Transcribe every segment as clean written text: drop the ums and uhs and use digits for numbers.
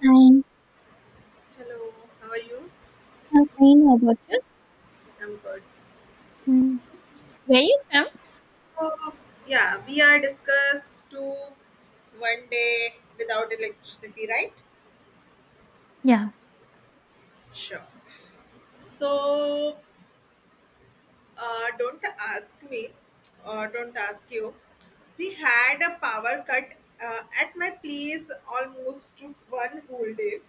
Fine. Hello, how are you? I'm complain about you. I'm good. Mm. Where you from? So, yeah, we are discussed to one day without electricity, right? Yeah. Sure. So, don't ask me, or don't ask you. We had a power cut at my place almost to one whole day.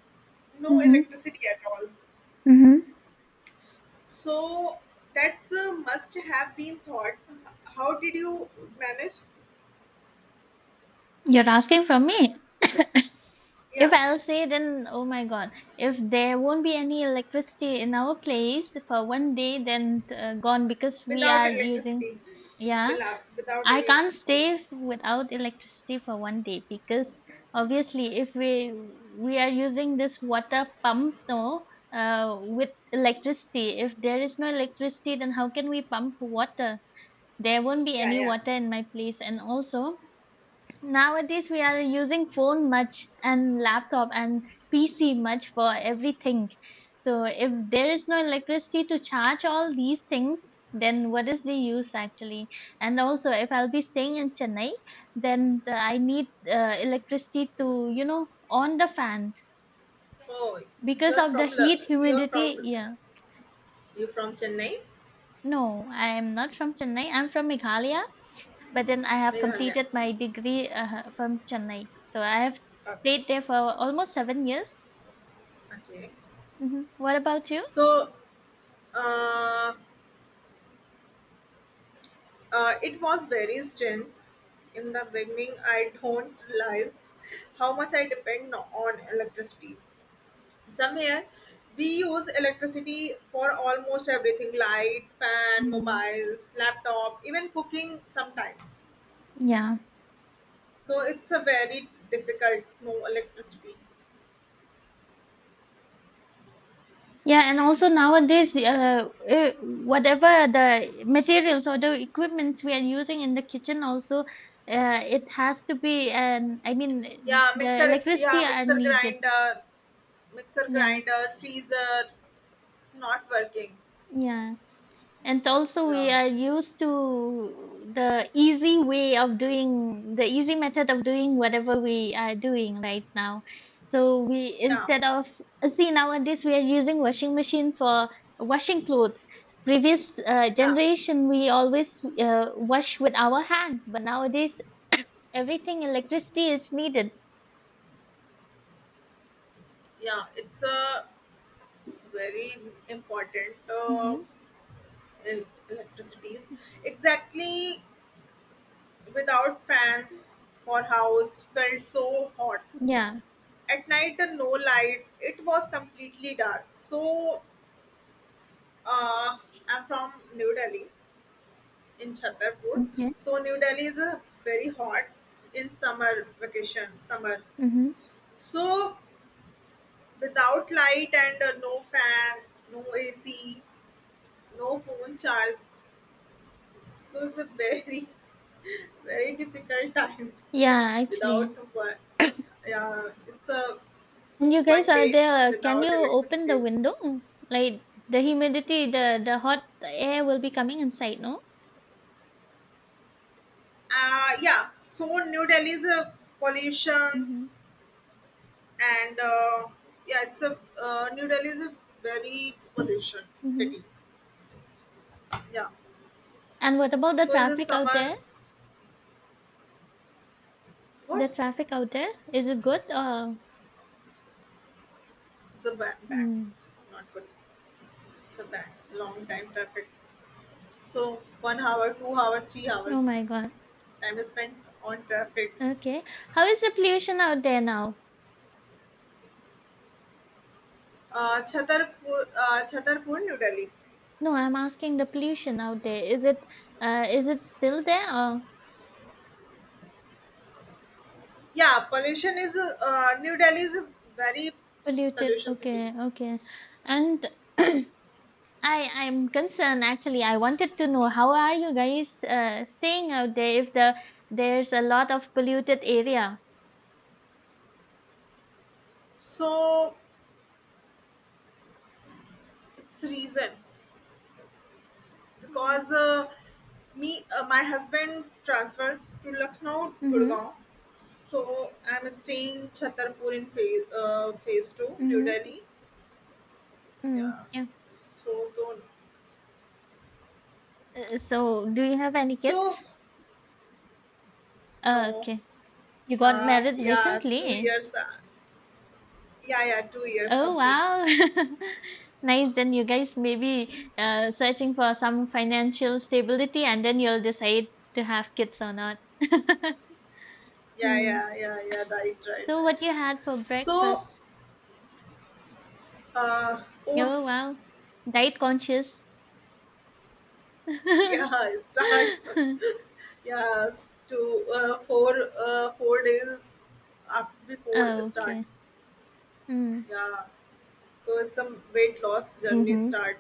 No Mm-hmm. electricity at all. Mm-hmm. So, that's must have been thought. How did you manage? You're asking from me. If Yeah. I'll say, then oh my god, if there won't be any electricity in our place for 1 day, then gone because we Without are using. electricity. Yeah, Without I can't electricity. stay without electricity for 1 day because obviously, if we are using this water pump, no, with electricity. If there is no electricity, then how can we pump water? There won't be Yeah, any yeah. water in my place, and also nowadays we are using phone much and laptop and pc much for everything. So if there is no electricity to charge all these things, then what is the use actually? And also if I'll be staying in Chennai, then I need electricity to, you know, on the fan Oh, because you're of the from La- heat humidity, yeah. you're from Chennai, No, I am not from Chennai, I'm from Meghalaya. But then I have Meghalaya. completed my degree from Chennai. So I have Okay. stayed there for almost 7 years. Okay. What about you? So, uh, it was very strange. In the beginning, I don't realize how much I depend, no, on electricity. Somewhere, we use electricity for almost everything: light, fan, Mhm. mobiles, laptop, even cooking sometimes. Yeah. So it's a very difficult. No electricity. Yeah, and also nowadays, whatever the materials or the equipments we are using in the kitchen, also, it has to be, and I mean, Yeah, the mixer. Yeah, electricity are mixer needed. grinder, mixer Yeah, grinder, freezer, not working. yeah. And also, we Yeah, are used to the easy way of doing, the easy method of doing whatever we are doing right now. So we, yeah, instead of, see nowadays we are using washing machine for washing clothes. Previous yeah, generation we always wash with our hands, but nowadays everything electricity is needed. yeah. It's a very important, Mm-hmm. in electricities. Exactly. Without fans for house felt so hot. Yeah. At night, no lights. It was completely dark. So, uh, I'm from New Delhi, in Chhatarpur. Okay. So New Delhi is a very hot in summer vacation, summer. Mm-hmm. So without light and no fan, no AC, no phone charge. So it's a very, very difficult time Yeah, without actually. one. Yeah, it's a And you guys one are day there. Can without you open the electricity. window? Like the humidity, the hot air will be coming inside, no? Yeah, so New Delhi is a Mm-hmm. pollutions, and yeah, it's a New Delhi is a very pollution Mm-hmm. city. Yeah, And what about the so in the traffic out there? summers, The what? traffic out there, is it good or? It's a bad, bad, Mm. not good. It's a bad, long time traffic. So 1 hour, 2 hour, three Oh hours my God. time is spent on traffic. Okay. How is the pollution out there now? Chhatarpur, New Delhi. No, I'm asking the pollution out there. Is it still there or Yeah, New Delhi is a very polluted? pollution city. Okay, okay. And I'm concerned actually. I wanted to know how are you guys staying out there if there's a lot of polluted area. So it's reason, because me my husband transferred to Lucknow, Mm-hmm. Gurgaon. So I'm staying Chhatarpur in phase two, New Mm-hmm. Delhi. Yeah. Mm. Yeah. So don't. So do you have any So kids? No. Okay. You got married Yeah, two recently. years. Yeah, yeah, 2 years Oh complete. wow. Nice. Then you guys may be searching for some financial stability and then you'll decide to have kids or not. Yeah, Hmm. yeah, yeah, yeah. Right, right, So what right. you had for So breakfast? Oh oaths. wow, diet conscious. Yeah, start. Yes, to 4 days after before Oh, start. okay. Mm. Yeah, so it's a weight loss journey Mm-hmm. start.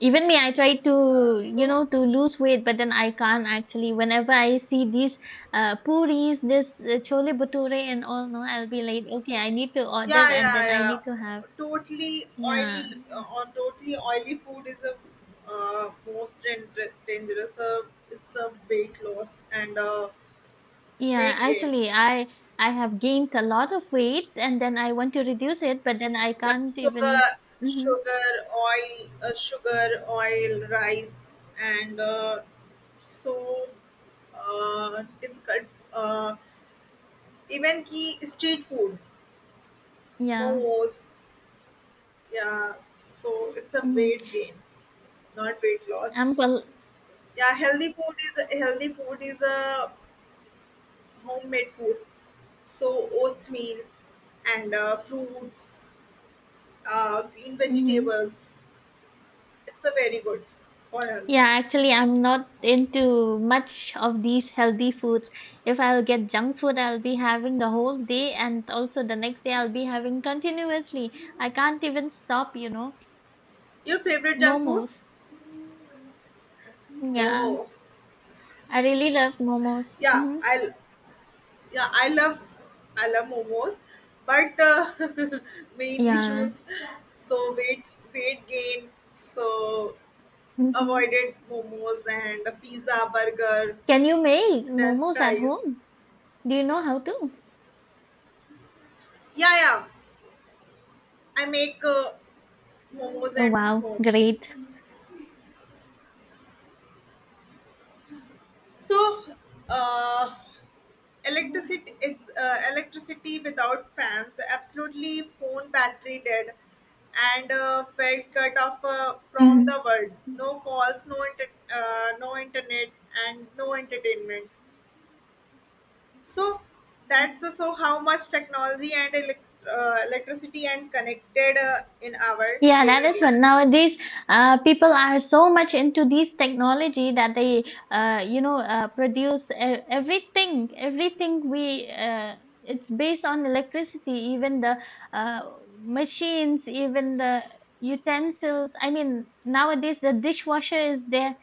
Even me, I try Uh, to, you so know, to lose weight, but then I can't actually. Whenever I see these puris, this chole bhature and all, no, I'll be like, okay, I need to order yeah, and yeah, then I yeah. need to have. Totally Yeah. oily uh, or totally oily food is a most dangerous. It's a weight loss and Yeah, weight gain. actually, I have gained a lot of weight and then I want to reduce it, but then I Yeah, can't sugar, even. Mm-hmm. sugar, sugar, oil, rice, and so difficult. Uh, Even key street food, Yeah. momos. Yeah, so it's a Mm-hmm. weight gain, not weight loss. I'm well. Yeah, healthy food is a homemade food. So oatmeal and fruits, green Mm-hmm. vegetables. It's a very good for health. Yeah, actually, I'm not into much of these healthy foods. If I'll get junk food, I'll be having the whole day, and also the next day, I'll be having continuously. I can't even stop, you know. Your favorite junk food? Momos. Yeah, Oh, I really love momos. yeah. hmm I Yeah, I love momos, but main Yeah. issues, so weight gain, so hmm avoided momos and pizza, burger, Can you make French momos at fries. home? Do you know how to? Yeah, yeah, I make momos Oh, at wow, home. great. So uh, electricity is electricity without fans, absolutely phone battery dead, and felt cut off, from the Mm-hmm. world. No calls, no internet, and no entertainment. So that's so how much technology and electricity and connected, in our Yeah, that daily is what lives. nowadays people are so much into this technology that they, you know, produce everything. Everything we it's based on electricity. Even the uh, machines, even the utensils. I mean, nowadays the dishwasher is there.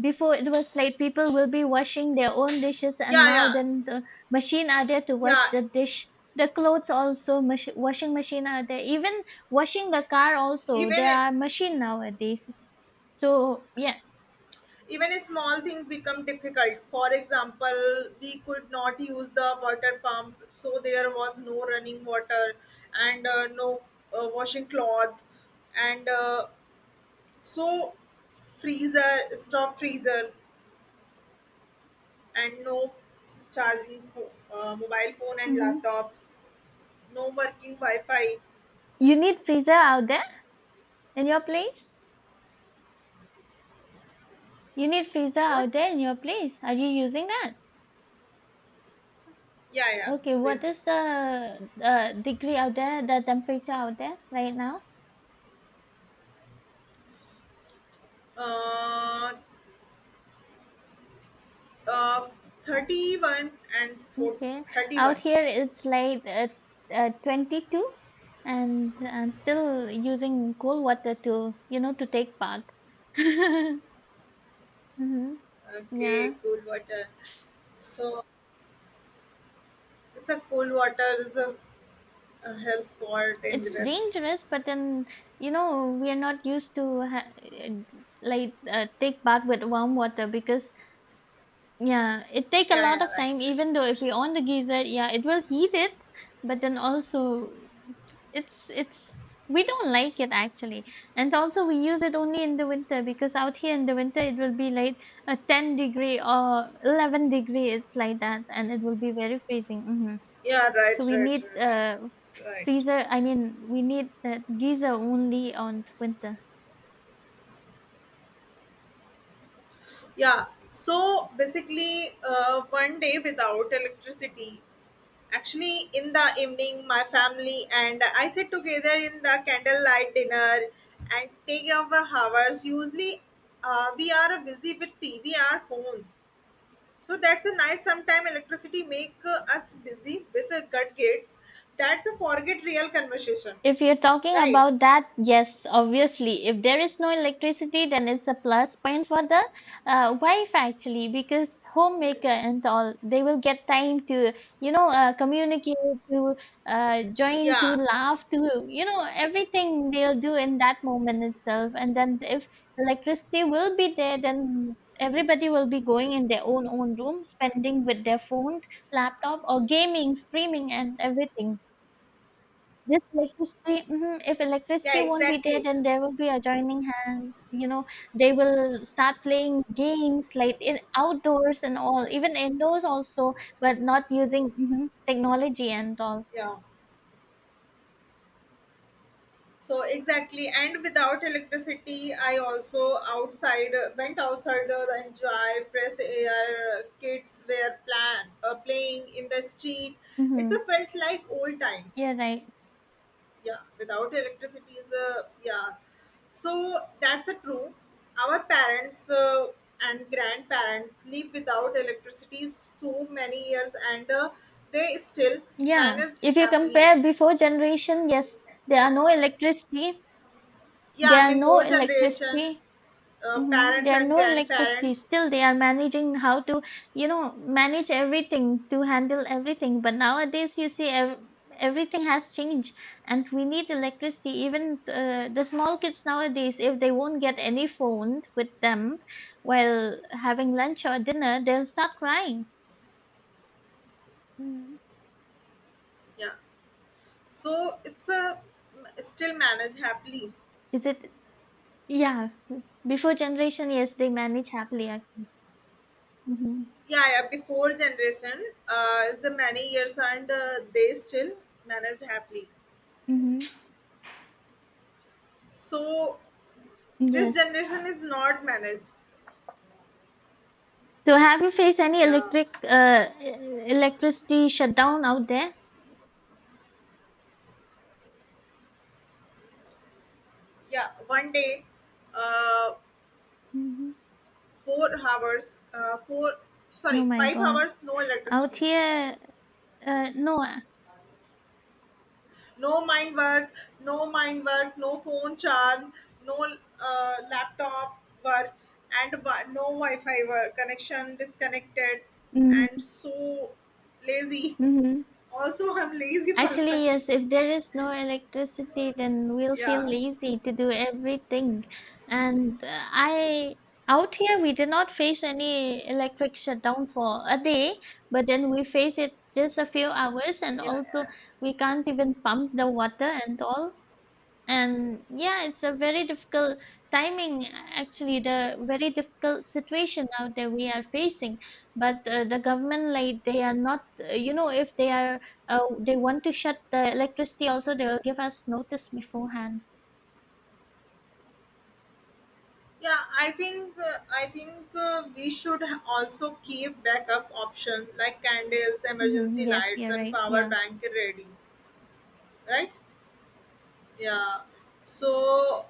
Before it was like people will be washing their own dishes, and Yeah, now yeah, then the machine are there to wash yeah. the dish. The clothes also, washing machine are there. Even washing the car also, there even are machine nowadays. So yeah, even a small thing become difficult. For example, we could not use the water pump, so there was no running water, and no washing cloth, and so freezer stop, freezer, and no charging mobile phone and hmm laptops, no working wi-fi. you need freezer out there in your place. You need freezer What? out there in your place. Are you using that? Yeah, yeah. Okay, what Please. is the degree out there, the temperature out there right now? uh, uh 31 and four Okay, thirty out one. here it's like 22, and I'm still using cold water to, you know, to take bath. hmm Okay, Yeah, cool water. So it's a cold water is a health for it's dangerous. dangerous, but then, you know, we are not used to like take bath with warm water because, yeah, it take a Yeah, lot yeah, of right, time right, even though if right. we on the geyser, yeah, it will heat it, but then also it's we don't like it actually. And also we use it only in the winter because out here in the winter it will be like a 10 degree or 11 degree, it's like that and it will be very freezing. Yeah, right, So we right, need right, right. freezer, I mean we need that geyser only on winter. Yeah. So basically, one day without electricity. Actually, in the evening, my family and I sit together in the candlelight dinner and take our hours. Usually, we are busy with TV or phones. So that's a nice, sometime electricity make us busy with cut gates. That's a forget real conversation, If you're talking right? about that, yes, obviously. If there is no electricity, then it's a plus point for the wife actually, because homemaker and all, they will get time to, you know, communicate, to join, to Yeah, laugh, to, you know, everything they'll do in that moment itself. And then if electricity will be there, then everybody will be going in their own room, spending with their phone, laptop, or gaming, streaming, and everything. This electricity, mhm, if yeah, electricity won't be there, exactly. then there will be adjoining hands. You know, they will start playing games like in outdoors and all, even indoors also, but not using mhm, technology and all. Yeah, so exactly. And without electricity, I also outside went outside, the enjoy fresh air. Kids were plan playing in the street. It's a hmm felt like old times. Yeah, right. Yeah, without electricity is a, yeah. So that's a true, our parents and grandparents live without electricity so many years, and they still Yeah. managed If you happily. compare before generation, yes, there are no electricity. There Yeah, are no before generation, electricity. Mm-hmm. parents There are and no electricity. grandparents, Still, they are managing how to, you know, manage everything, to handle everything. But nowadays, you see, everything has changed, and we need electricity. Even the small kids nowadays, if they won't get any phone with them while having lunch or dinner, they'll start crying. Mm. yeah, so it's a still managed happily. Is it? Yeah. Before generation, yes, they manage happily actually. Mm-hmm. Yeah, yeah, before generation is a many years, and they still managed happily, Mm-hmm. so this Yes. generation is not managed. So have you faced any Yeah, electricity shutdown out there? yeah, one day, uh hmm 4 hours, four, sorry, Oh my five god. hours no Out electricity, here, no. No mind work no mind work, no phone charge, no laptop work, and no wi-fi work, connection disconnected, and Mm-hmm. so lazy. hmm Also I'm lazy person. Actually, yes, if there is no electricity, then we'll feel Yeah, lazy to do everything. And I, out here, we did not face any electric shutdown for a day, but then we face it just a few hours, and also yeah. we can't even pump the water and all. And yeah, it's a very difficult timing actually, the very difficult situation out there we are facing, but the government, like, they are not you know, if they are uh, they want to shut the electricity also, they will give us notice beforehand. Yeah, I think we should also keep backup option like candles, emergency Yes, lights, you're and right, power yeah. bank ready, right? Yeah. So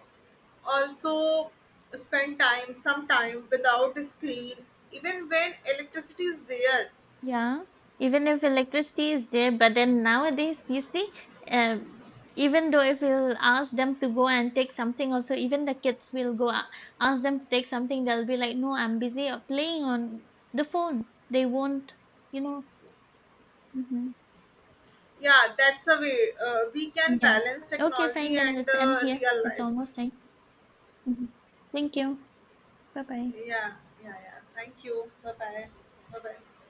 also spend time, some time without screen, even when electricity is there. Yeah, even if electricity is there, but then nowadays, you see, um, even though if we'll ask them to go and take something, also, even the kids will go ask them to take something, they'll be like, no, I'm busy playing on the phone. They won't, you know. hmm Yeah, that's the way we can Yeah. balance Okay, fine, technology then and let's end here. real It's life. almost time. hmm Thank you. Bye bye. Yeah, yeah, yeah. Thank you. Bye bye. Bye bye.